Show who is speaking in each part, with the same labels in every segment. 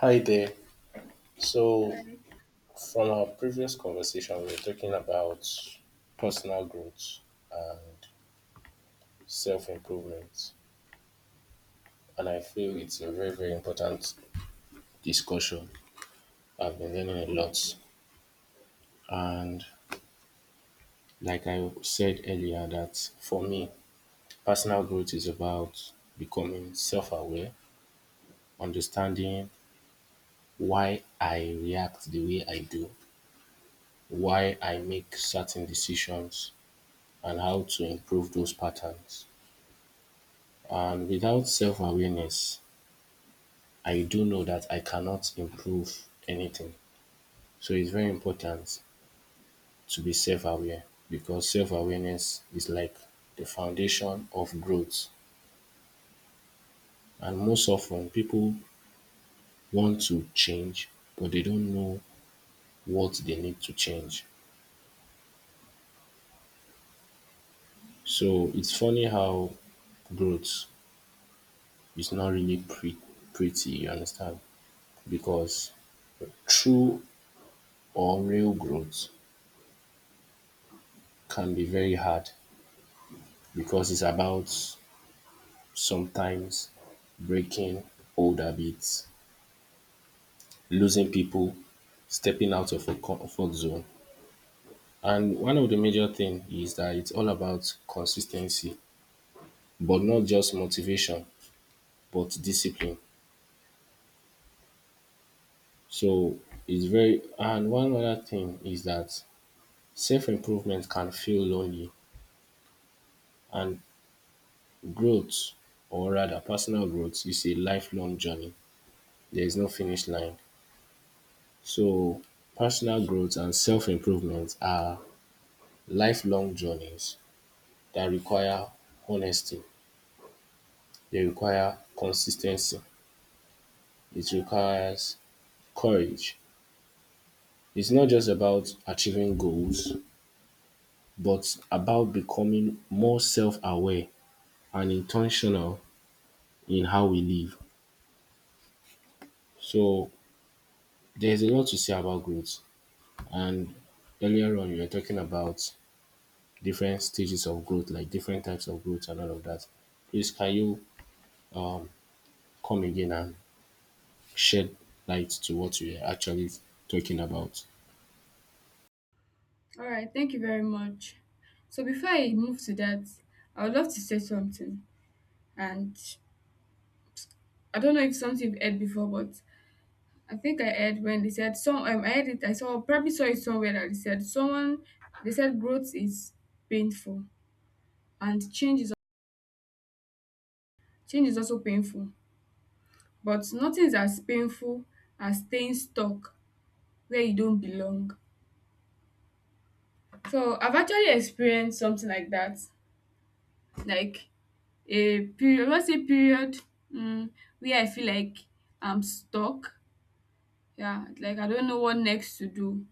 Speaker 1: Hi there. So,
Speaker 2: Hi.
Speaker 1: from our previous conversation, we were talking about personal growth and self improvement. And I feel it's a very, very important discussion. I've been learning a lot. And, like I said earlier, that for me, personal growth is about becoming self aware, understanding why I react the way I do, why I make certain decisions, and how to improve those patterns. And without self awareness, I do know that I cannot improve anything. So it's very important to be self aware because self awareness is like the foundation of growth. And most often, people want to change, but they don't know what they need to change. So it's funny how growth is not really pretty, you understand? Because true or real growth can be very hard because it's about sometimes breaking old habits, losing people, stepping out of a comfort zone. And one of the major thing is that it's all about consistency, but not just motivation, but discipline. So it's very and one other thing is that self-improvement can feel lonely and growth or rather personal growth is a lifelong journey. There is no finish line. So personal growth and self-improvement are lifelong journeys that require honesty, they require consistency. It requires courage. It's not just about achieving goals, but about becoming more self aware and intentional in how we live. So there's a lot to say about growth. And earlier on, you were talking about different stages of growth, like different types of growth and all of that. Please, can you um, come again and shed light to what we are actually talking about.
Speaker 2: All right, thank you very much. So before I move to that, I would love to say something, and I don't know if something you've heard before, but I think I heard when they said some. I heard it. I saw probably saw it somewhere that they said someone. They said growth is painful and change is also painful, but nothing is as painful as staying stuck where you don't belong. So I've actually experienced something like that, like a period, let's say period, um where I feel like I'm stuck. Yeah, like I don't know what next to do.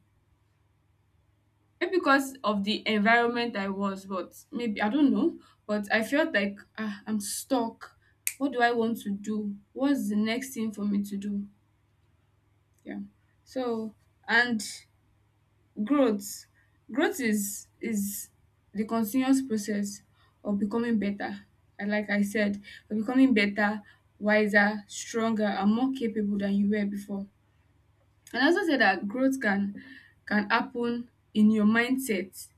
Speaker 2: Maybe because of the environment I was, but maybe I don't know. But I felt like I'm stuck. What do I want to do? What's the next thing for me to do? Yeah. So, and growth. Growth is the continuous process of becoming better. And like I said, of becoming better, wiser, stronger, and more capable than you were before. And I also said that growth can happen in your mindset.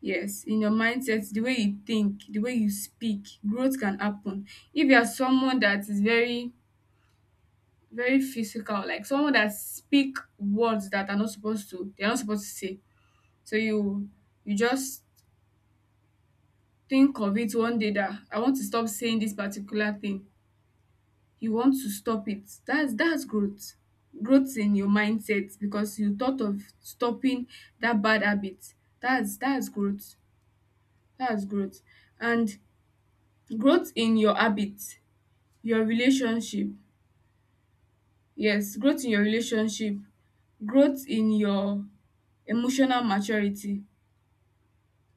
Speaker 2: Yes, in your mindset, the way you think, the way you speak, growth can happen. If you are someone that is very very physical, like someone that speak words that are not supposed to, they are not supposed to say. So you just think of it one day that I want to stop saying this particular thing. You want to stop it. That's growth. Growth in your mindset because you thought of stopping that bad habit. That's growth. That's growth. And growth in your habit, your relationship. Yes, growth in your relationship, growth in your emotional maturity.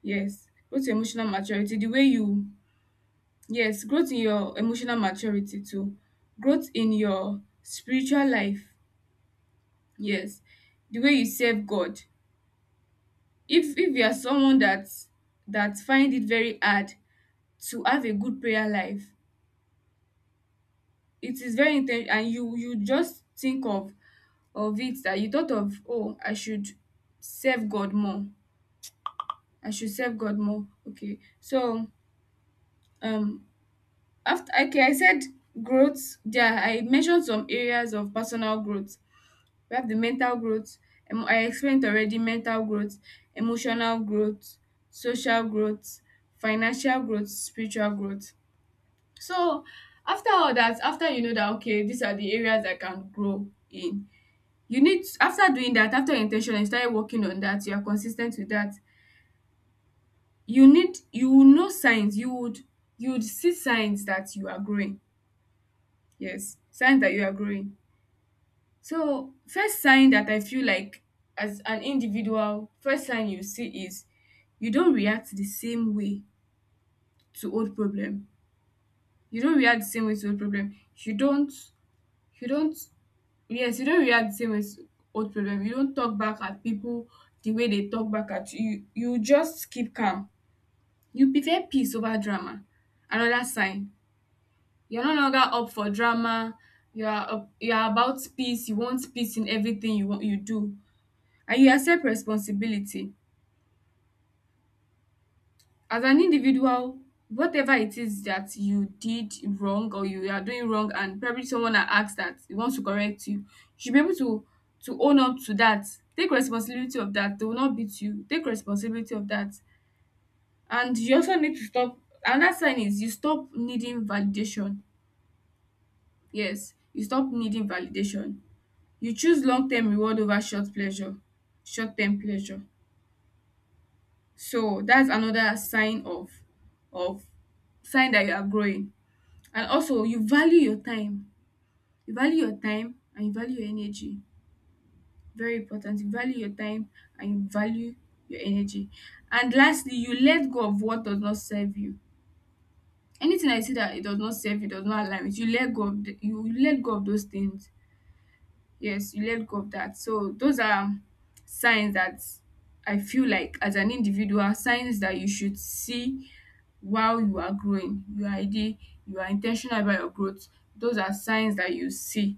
Speaker 2: Yes, growth in emotional maturity. The way you Yes, growth in your emotional maturity too. Growth in your spiritual life. Yes. The way you serve God. If you are someone that find it very hard to have a good prayer life, it is very intense and you just think of it, that you thought of, oh, I should serve God more. I should serve God more. Okay. So um after, okay, I said growth. Yeah, I mentioned some areas of personal growth. We have the mental growth. I explained already mental growth, emotional growth, social growth, financial growth, spiritual growth. So after all that, after you know that okay, these are the areas I can grow in, you need, after doing that, after your intention, you started working on that, you are consistent with that. You will know signs. You would see signs that you are growing. Yes, signs that you are growing. So first sign that I feel like as an individual, first sign you see is you don't react the same way to old problem. You don't react the same way to old problem. You don't yes, you don't react the same way to old problem. You don't talk back at people the way they talk back at you. You just keep calm. You prefer peace over drama. Another sign. You're no longer up for drama. You are up, you are about peace. You want peace in everything you do, and you accept responsibility. As an individual, whatever it is that you did wrong or you are doing wrong, and probably someone that asks that he wants to correct you, you should be able to own up to that. Take responsibility of that. They will not beat you. Take responsibility of that. And you also need to stop Another sign is you stop needing validation. Yes, you stop needing validation. You choose long term reward over short term pleasure. So that's another sign of of sign that you are growing. And also you value your time. You value your time and you value your energy. Very important. You value your time and you value your energy. And lastly, you let go of what does not serve you. Anything I see that it does not serve you, does not align with you, let go of the, you let go of those things. Yes, you let go of that. So those are signs that I feel like as an individual, signs that you should see while you are growing, you are intentional about your growth. Those are signs that you see.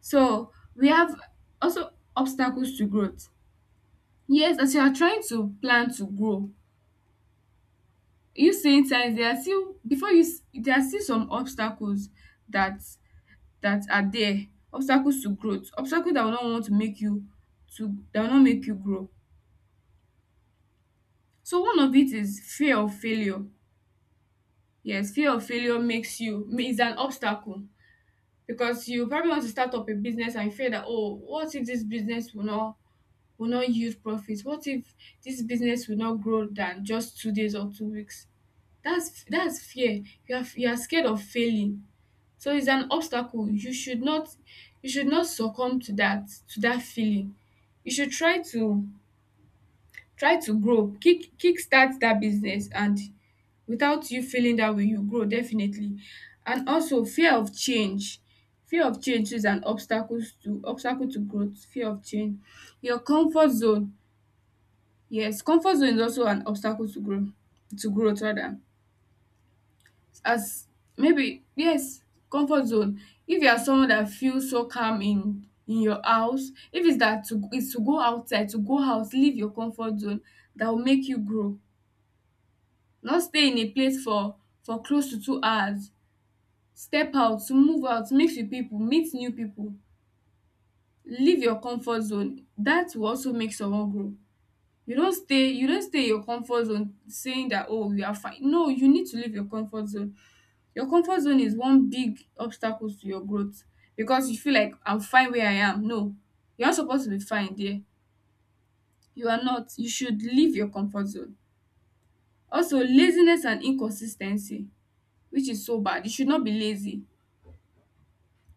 Speaker 2: So we have also obstacles to growth. Yes, as you are trying to plan to grow, you seeing signs, there are still there are still some obstacles that that are there. Obstacles to growth, obstacles that will not want to make you to that will not make you grow. So one of it is fear of failure. Yes, fear of failure makes you is an obstacle, because you probably want to start up a business and fear that, oh, what if this business will not yield profits, what if this business will not grow than just 2 days or 2 weeks. That's fear. You are scared of failing. So it's an obstacle. You should not succumb to that, to that feeling. You should try to grow. Kick start that business, and without you feeling that way, you grow definitely. And also fear of change. Fear of change is an obstacle to growth. Fear of change. Your comfort zone. Yes, comfort zone is also an obstacle to growth rather. As, maybe, yes, comfort zone. If you are someone that feels so calm in your house, if it's that to, it's to go outside, to go out, leave your comfort zone, that will make you grow. No, stay in a place for close to 2 hours. Step out, move out, mix with people, meet new people. Leave your comfort zone. That will also make someone grow. You don't stay in your comfort zone saying that “oh, you are fine”. No, you need to leave your comfort zone. Your comfort zone is one big obstacle to your growth because you feel like “I'm fine where I am”. No, you're not supposed to be fine there. You are not. You should leave your comfort zone. Also, laziness and inconsistency, which is so bad. You should not be lazy.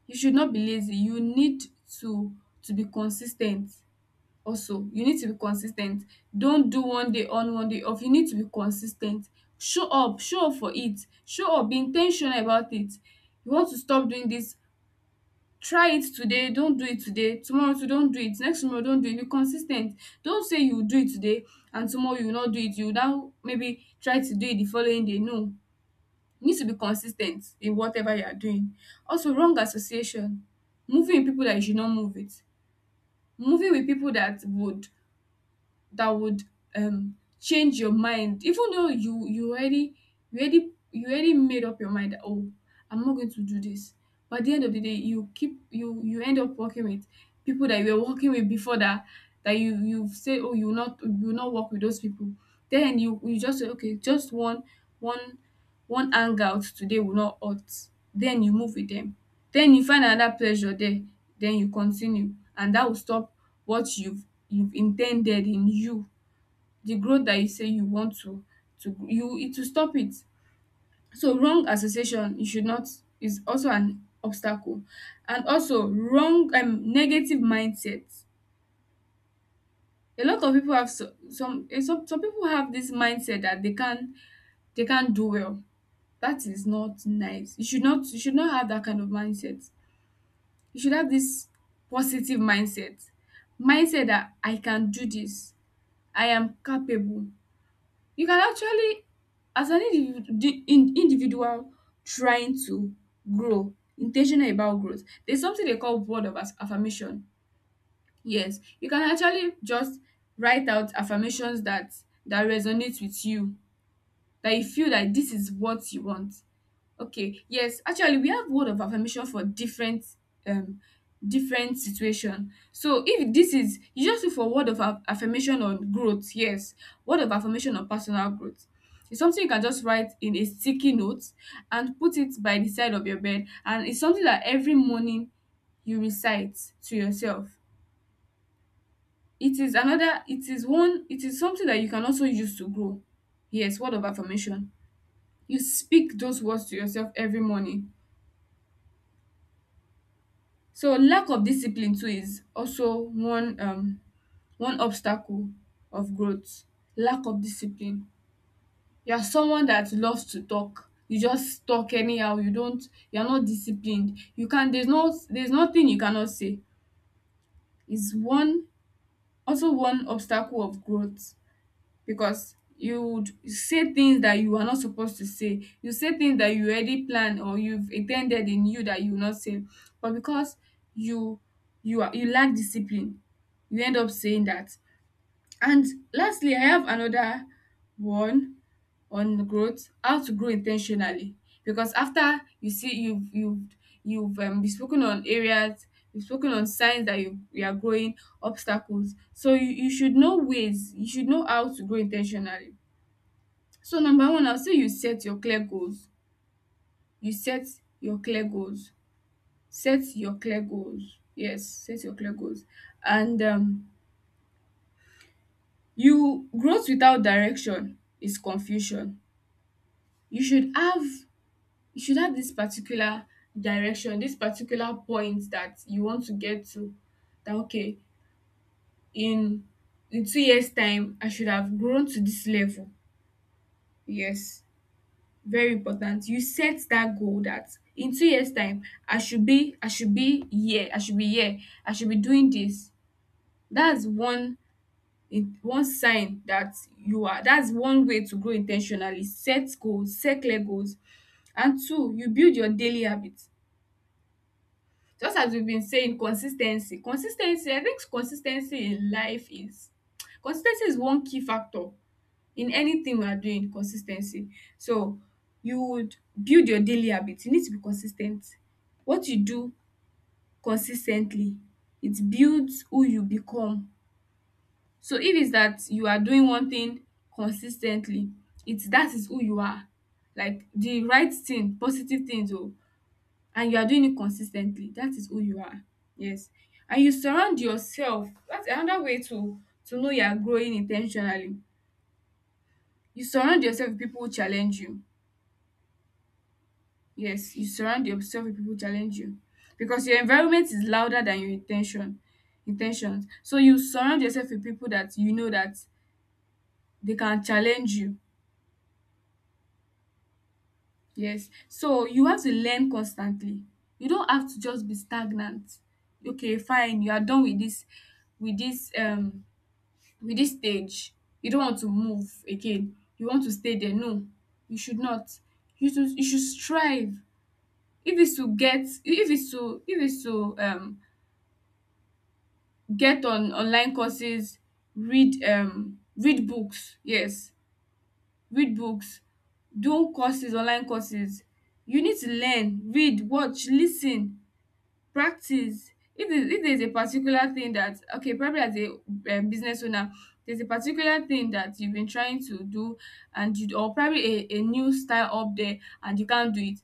Speaker 2: You should not be lazy. You need to to be consis ten t. Also, you need to be consis ten t. Don't do one day on, one day off. You need to be consis ten t. Show up for it. Show up. Be in ten tional about it. You want to stop doing this. Try it today. Don't do it today, tomorrow too. Don't do it next tomorrow. Don't do it. Be consis ten t. Don't say you will do it today and tomorrow you will not do it. You will now maybe try to do it the following day. No. You need to be consistent in whatever you are doing. Also, wrong association. Moving with people that you should not move with. Moving with people that would change your mind, even though you already you already you already made up your mind that, oh, I'm not going to do this, but at the end of the day, you keep you you end up working with people that you were working with before, that you say, oh, you will not work with those people, then you just say, okay, just one one hangout today will not hurt, then you move with them. Then you find another pleasure there, then you continue, and that will stop what you've intended in you. The growth that you say you want to, you, it will stop it. So wrong association, you should not, is also an obstacle. And also wrong, negative mindset. A lot of people have so, some eh, some people have this mindset that they can't do well. That is not nice. You should not have that kind of mindset. You should have this positive mindset that I can do this. I am capable. You can actually, as an individual trying to grow, intentional about growth, there's something they call word of affirmation. Yes, you can actually just write out affirmations that resonates with you, that you feel that this is what you want. Okay, yes, actually we have word of affirmation for different um different situation. So if this is, you just look for word of affirmation on growth, yes, word of affirmation on personal growth. It's something you can just write in a sticky note and put it by the side of your bed, and it's something that every morning you recite to yourself. It is another it is one it is something that you can also use to grow. Yes, word of affirmation. You speak those words to yourself every morning. So lack of discipline too is also one obstacle of growth. Lack of discipline. You are someone that loves to talk. You just talk anyhow. You are not disciplined. You can there's nothing you cannot say. Is one also one obstacle of growth, because you would say things that you are not supposed to say. You say things that you already planned or you've intended in you that you will not say. But because you you lack discipline, you end up saying that. And lastly, I have another one on growth, how to grow intentionally. Because after you see you've been spoken on areas, you've spoken on signs that you are growing obstacles. So you should know ways, you should know how to grow intentionally. So number one, I'll say you set your clear goals. You set your clear goals. Set your clear goals. Yes, set your clear goals. And you growth without direction is confusion. you should have you should have this particular direction, this particular point that you want to get to, that okay, in in 2 years time I should have grown to this level. Yes, very important you set that goal, that in 2 years time I should be here, I should be here, I should be doing this. That's one in one sign that you are, that's one way to grow intentionally. Set goals, set clear goals. And two, you build your daily habit. Just as we've been saying, consistency, consistency. I think consistency in life is, consistency is one key factor in anything we are doing. Consistency. So you would build your daily habits. You need to be consistent. What you do consistently, it builds who you become. So if it's that you are doing one thing consistently, it's that is who you are. Like the right thing, positive things. Oh, and you are doing it consistently, that is who you are. Yes. And you surround yourself, that's another way to know you are growing intentionally. You surround yourself with people who challenge you. Yes, you surround yourself with people who challenge you, because your environment is louder than your intentions. So you surround yourself with people that you know that they can challenge you. Yes, so you have to learn constantly. You don't have to just be stagnant. Okay, fine, you are done with this, with this with this stage. You don't want to move again, you want to stay there. No, you should not, you should strive. If is to get, if is to, if is to get on online courses, read, read books. Yes, read books, do courses, online courses. You need to learn, read, watch, listen. Practice. If there's a particular thing that okay, probably as a business owner, there's a particular thing that you've been trying to do and you, or probably a new style up there and you can't do it,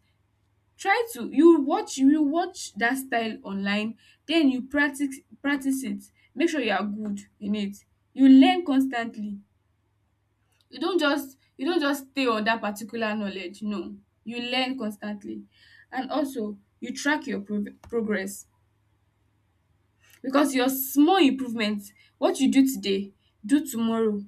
Speaker 2: try to, you watch that style online, then you practice, practice it, make sure you are good in it. You learn constantly. You don't just stay on that particular knowledge. No, you learn constantly. And also you track your progress, because your small improvement, what you do today, do tomorrow,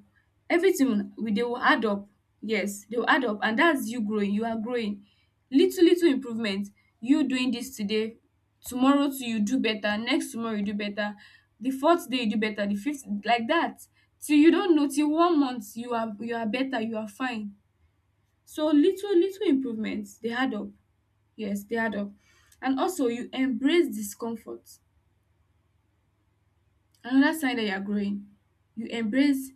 Speaker 2: everything will dey will add up. Yes, they will add up, and that's you growing, you are growing. Little little improvement, you doing this today, tomorrow too you do better, next tomorrow you do better, the fourth day you do better, the fifth, like that, till you don know, till 1 month you are, you are better, you are fine. So little little improvements, they add up. Yes, they add up. And also you embrace discomfort. Another sign that you are growing, you embrace,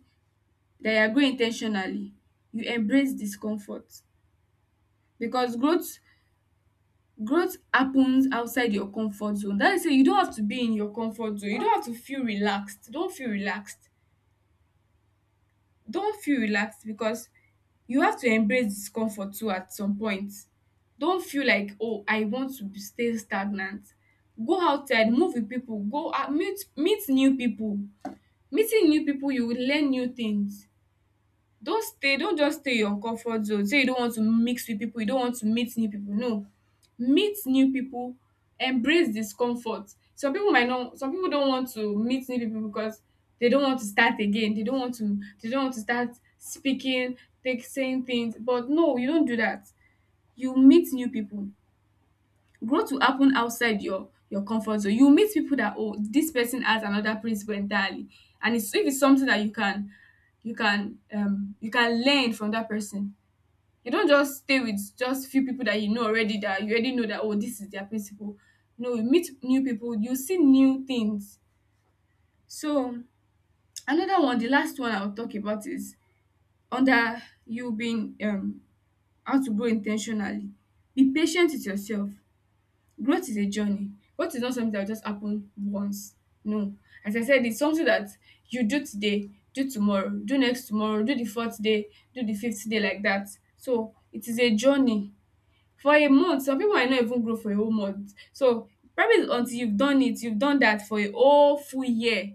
Speaker 2: that you are growing in. You embrace discomfort, because growth happens outside your comfort zone. That is say you don't have to be in your comfort zone. You don't have to feel relaxed. Don't feel relaxed. Don't feel relaxed, because you have to embrace discomfort too at some point. Don't feel like, oh, I want to be- stay stagnant. Go outside, move with people, go out, meet new people. Meeting new people, you will learn new things. Don't just stay in your comfort zone, say you don't want to mix with people, you don't want to meet new people, no. Meet new people, embrace discomfort. Some people might not, some people don't want to meet new people, because they don't want to start again. They don't want to start speaking, take saying things. But no, you don't do that. You meet new people. Growth will happen outside your comfort zone. You meet people that, oh, this person has another principle entirely, and it's, if it's something that you can, you can learn from that person. You don't just stay with just few people that you know already, that you already know, that oh, this is their principle. No, you meet new people, you see new things. So another one, the last one I'll talk about is under you being, how to grow intentionally. Be patient with yourself. Growth is a journey. Growth is not something that will just happen once. No. As I said, it's something that you do today, do tomorrow, do next tomorrow, do the fourth day, do the fifth day, like that. So it is a journey. For a month, some people might not even grow for a whole month. So probably until you've done it, you've done that for a whole full year.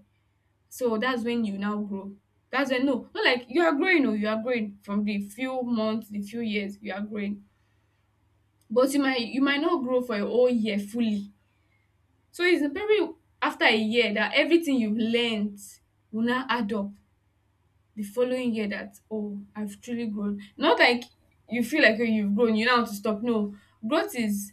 Speaker 2: So that's when you now grow. That's when, no, not like you are growing, oh, you are growing from the few months, the few years you are growing. But you might not grow for a whole year fully. So it's probably after a year that everything you've learned will now add up the following year, that, oh, I've truly grown. Not like you feel like, oh, you've grown, you now want to stop. No, growth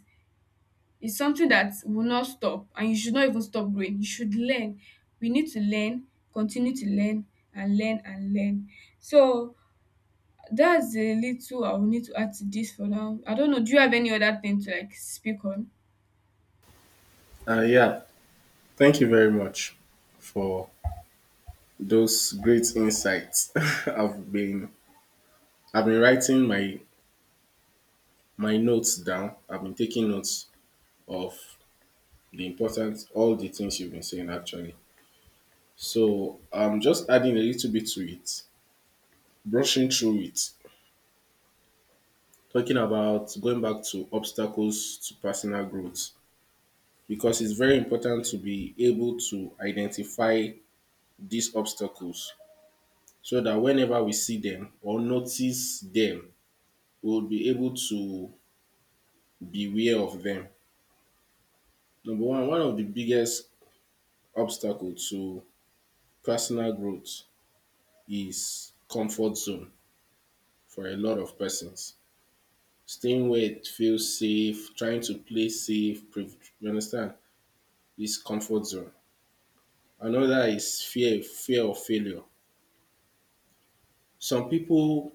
Speaker 2: is something that will not stop, and you should not even stop growing. You should learn. We need to learn, continue to learn, and learn and learn. So that's a little I will need to add to this for now. I don't know. Do you have any other thing to like speak on?
Speaker 1: Yeah, thank you very much for those great insights. I've been I've been writing my notes down. I've been taking notes of the important all the things you've been saying actually. So I'm just adding a little bit to it, brushing through it, talking about going back to obstacles to personal growth because it's very important to be able to identify these obstacles so that whenever we see them or notice them, we will be able to beware of them. Number one, one of the biggest obstacles to personal growth is comfort zone for a lot of persons. Staying where it feels safe, trying to play safe, you understand, is comfort zone. Another is fear, fear of failure. Some people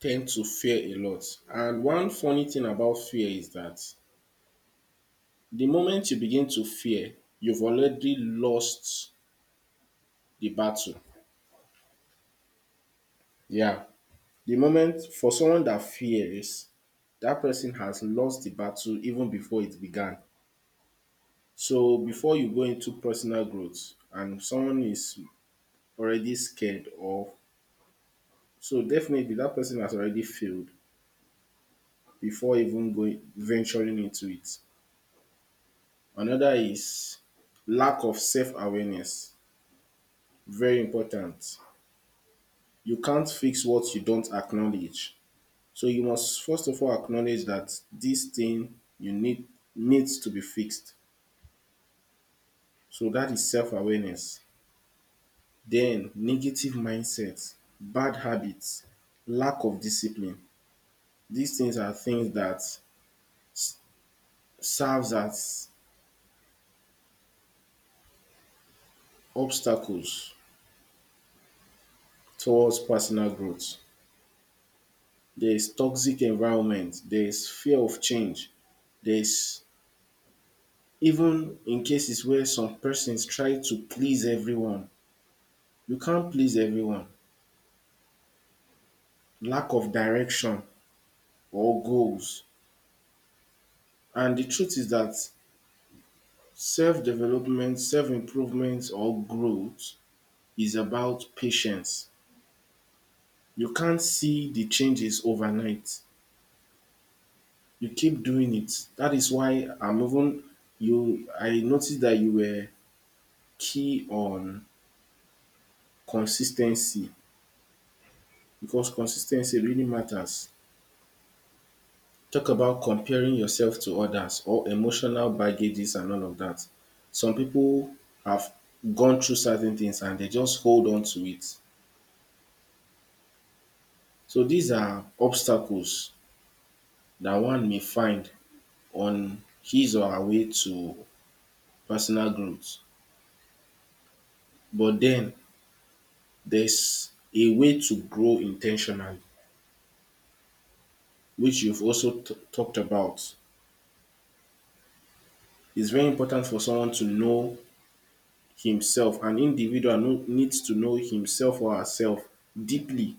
Speaker 1: tend to fear a lot. And one funny thing about fear is that the moment you begin to fear, you've already lost the battle. Yeah. The moment for someone that fears, that person has lost the battle even before it began. So before you go into personal growth and someone is already scared or so definitely that person has already failed before even going venturing into it. Another is lack of self-awareness. Very important. You can't fix what you don't acknowledge. So you must first of all acknowledge that this thing you need needs to be fixed. So that is self-awareness. Then negative mindsets, bad habits, lack of discipline. These things are things that serves as obstacles towards personal growth. There is toxic environment, there is fear of change, there is even in cases where some persons try to please everyone. You can't please everyone. Lack of direction or goals. And the truth is that self development, self improvement, or growth is about patience. You can't see the changes overnight. You keep doing it. That is why I'm even you. I noticed that you were key on consistency because consistency really matters. Talk about comparing yourself to others or emotional baggages and all of that. Some people have gone through certain things and they just hold on to it. So these are obstacles that one may find on his or her way to personal growth. But then there's a way to grow intentionally, which you've also talked about. It's very important for someone to know himself. An individual needs to know himself or herself deeply.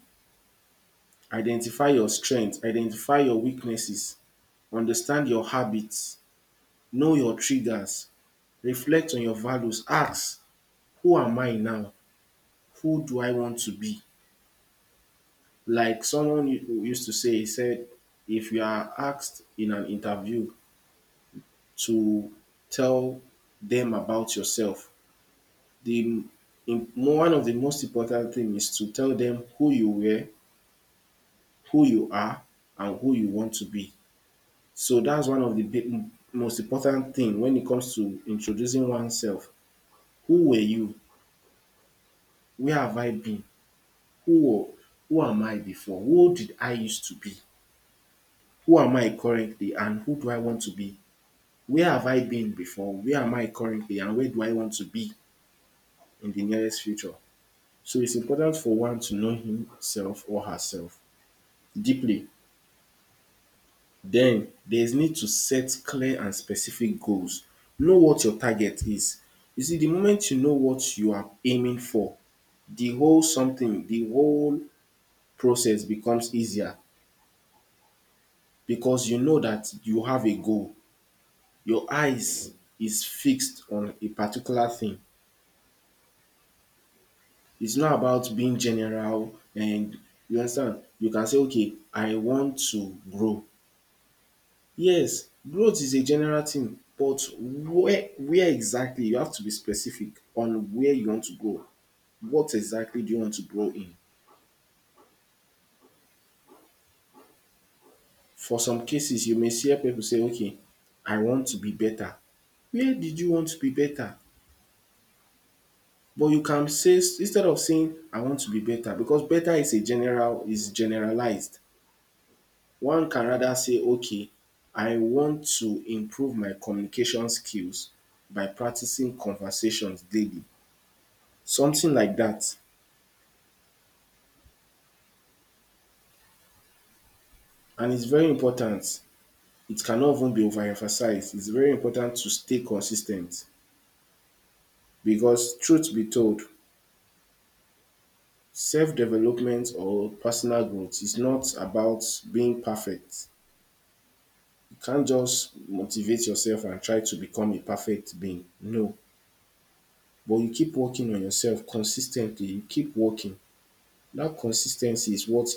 Speaker 1: Identify your strengths, identify your weaknesses, understand your habits, know your triggers, reflect on your values, ask, who am I now? Who do I want to be? Like someone who used to say, he said, if you are asked in an interview to tell them about yourself, the one of the most important thing is to tell them who you were, who you are, and who you want to be. So that's one of the most important thing when it comes to introducing oneself. Who were you? Where have I been? Who who am I before? Who did I used to be? Who am I currently and who do I want to be? Where have I been before? Where am I currently and where do I want to be in the nearest future? So it's important for one to know himself or herself deeply. Then there's need to set clear and specific goals. Know what your target is. You see, the moment you know what you are aiming for, the whole process becomes easier because you know that you have a goal. Your eyes is fixed on a particular thing. It's not about being general and you understand. You can say okay I want to grow. Yes, growth is a general thing but where exactly you have to be specific on where you want to grow. What exactly do you want to grow in? For some cases you may hear pipu say okay I want to be better. Where did you want to be better? But you can say instead of saying I want to be better because better is generalized. One can rather say okay I want to improve my communication skills by practicing conversations daily. Something like that, and it's very important. It cannot even be overemphasized. It's very important to stay consistent because truth be told self development or personal growth is not about being perfect. Can't just motivate yourself and try to become a perfect being. No. But you keep working on yourself consistently. You keep working. That consistency is what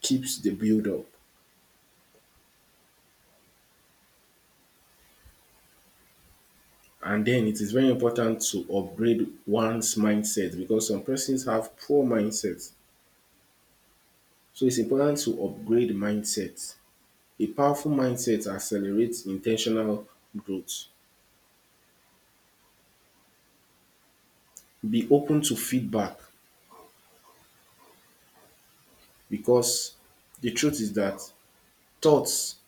Speaker 1: keeps the build up. And then it is very important to upgrade one's mindset because some persons have poor mindsets. So it's important to upgrade mindsets. A powerful mindset accelerates intentional growth. Be open to feedback because the truth is that thoughts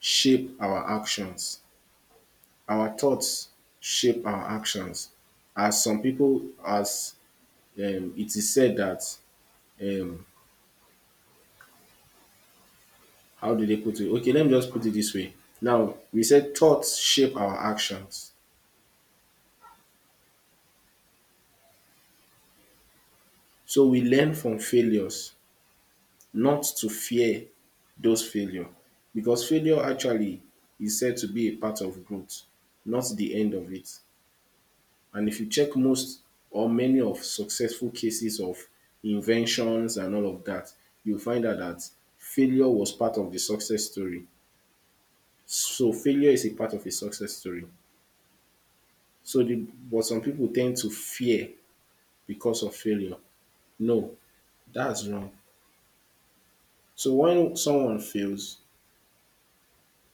Speaker 1: shape our actions. Our thoughts shape our actions as some people as it is said that um, how do they put it? Okay, let me just put it this way. Now we said thoughts shape our actions, so we learn from failures, not to fear those failure, because failure actually is said to be a part of growth, not the end of it. And if you check most or many of successful cases of inventions and all of that, you'll find out that failure was part of the success story. So failure is a part of a success story. So the but some people tend to fear because of failure. No, that's wrong. So when someone fails,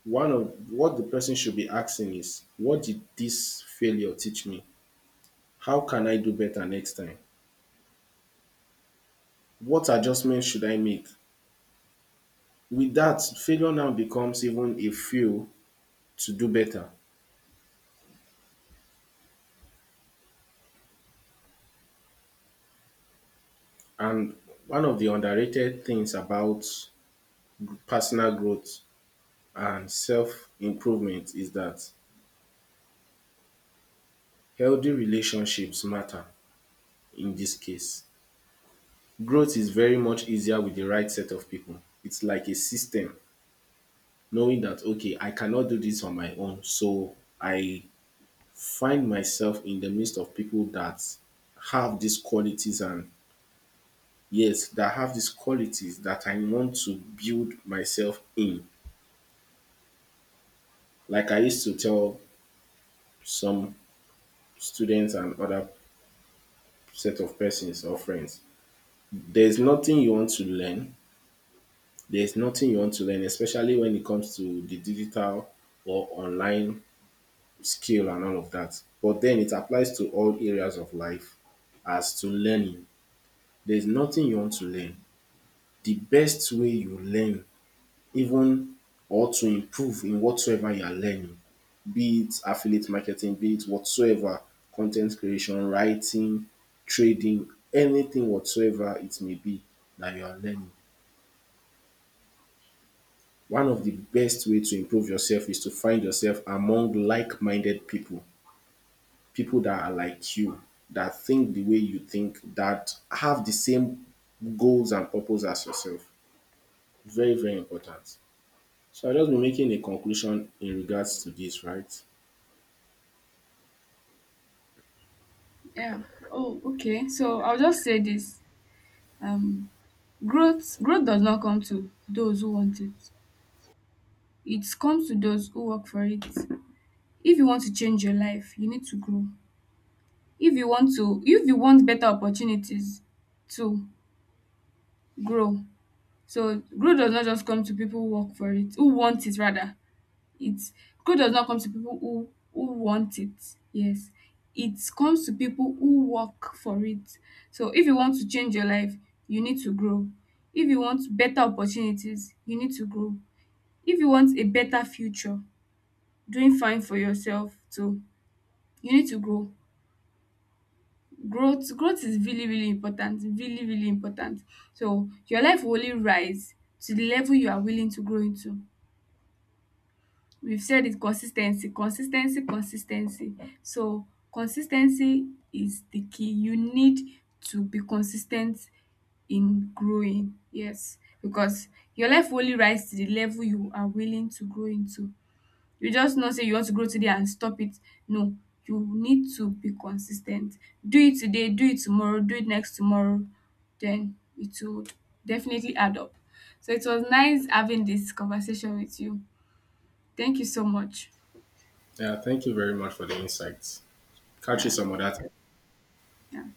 Speaker 1: one of what the person should be asking is, what did this failure teach me? How can I do better next time? What adjustments should I make? With that failure now becomes even a fuel to do better. And one of the underrated things about personal growth and self improvement is that healthy relationships matter in this case. Growth is very much easier with the right set of people. It's like a system, knowing that, okay, I cannot do this on my own. So I find myself in the midst of people that have these qualities and yes, that have these qualities that I want to build myself in. Like I used to tell some students and other set of persons or friends, there's nothing you want to learn. There's nothing you want to learn, especially when it comes to the digital or online skill and all of that. But then it applies to all areas of life as to learning. There's nothing you want to learn. The best way you learn, even or to improve in whatsoever you are learning, be it affiliate marketing, be it whatsoever, content creation, writing, trading, anything whatsoever it may be that you are learning. One of the best way to improve yourself is to find yourself among like-minded people, people that are like you, that think the way you think, that have the same goals and purpose as yourself. Very, very important. So I'll just be making a conclusion in regards to this, right?
Speaker 2: Yeah. Oh, okay. So I'll just say this. Um Growth does not come to those who want it. It comes to those who work for it. If you want to change your life, you need to grow. If you want to, if you want better opportunities to grow. So growth does not just come to people who work for it, who want it rather. It's, growth does not come to people who want it. Yes. It comes to people who work for it. So if you want to change your life, you need to grow. If you want better opportunities, you need to grow. If you want a better future, doing fine for yourself too, you need to grow. Growth is really really important, really really important. So your life will only rise to the level you are willing to grow into. We've said it, consistency, consistency, consistency. So consistency is the key. You need to be consistent in growing. Yes, because your life will only rise to the level you are willing to grow into. You just not say you want to grow today and stop it. No, you need to be consistent. Do it today, do it tomorrow, do it next tomorrow, then it would definitely add up. So it was nice having this conversation with you. Thank you so much.
Speaker 1: Yeah, thank you very much for the insights. Catch you
Speaker 2: Yeah.
Speaker 1: some other time.
Speaker 2: Yeah.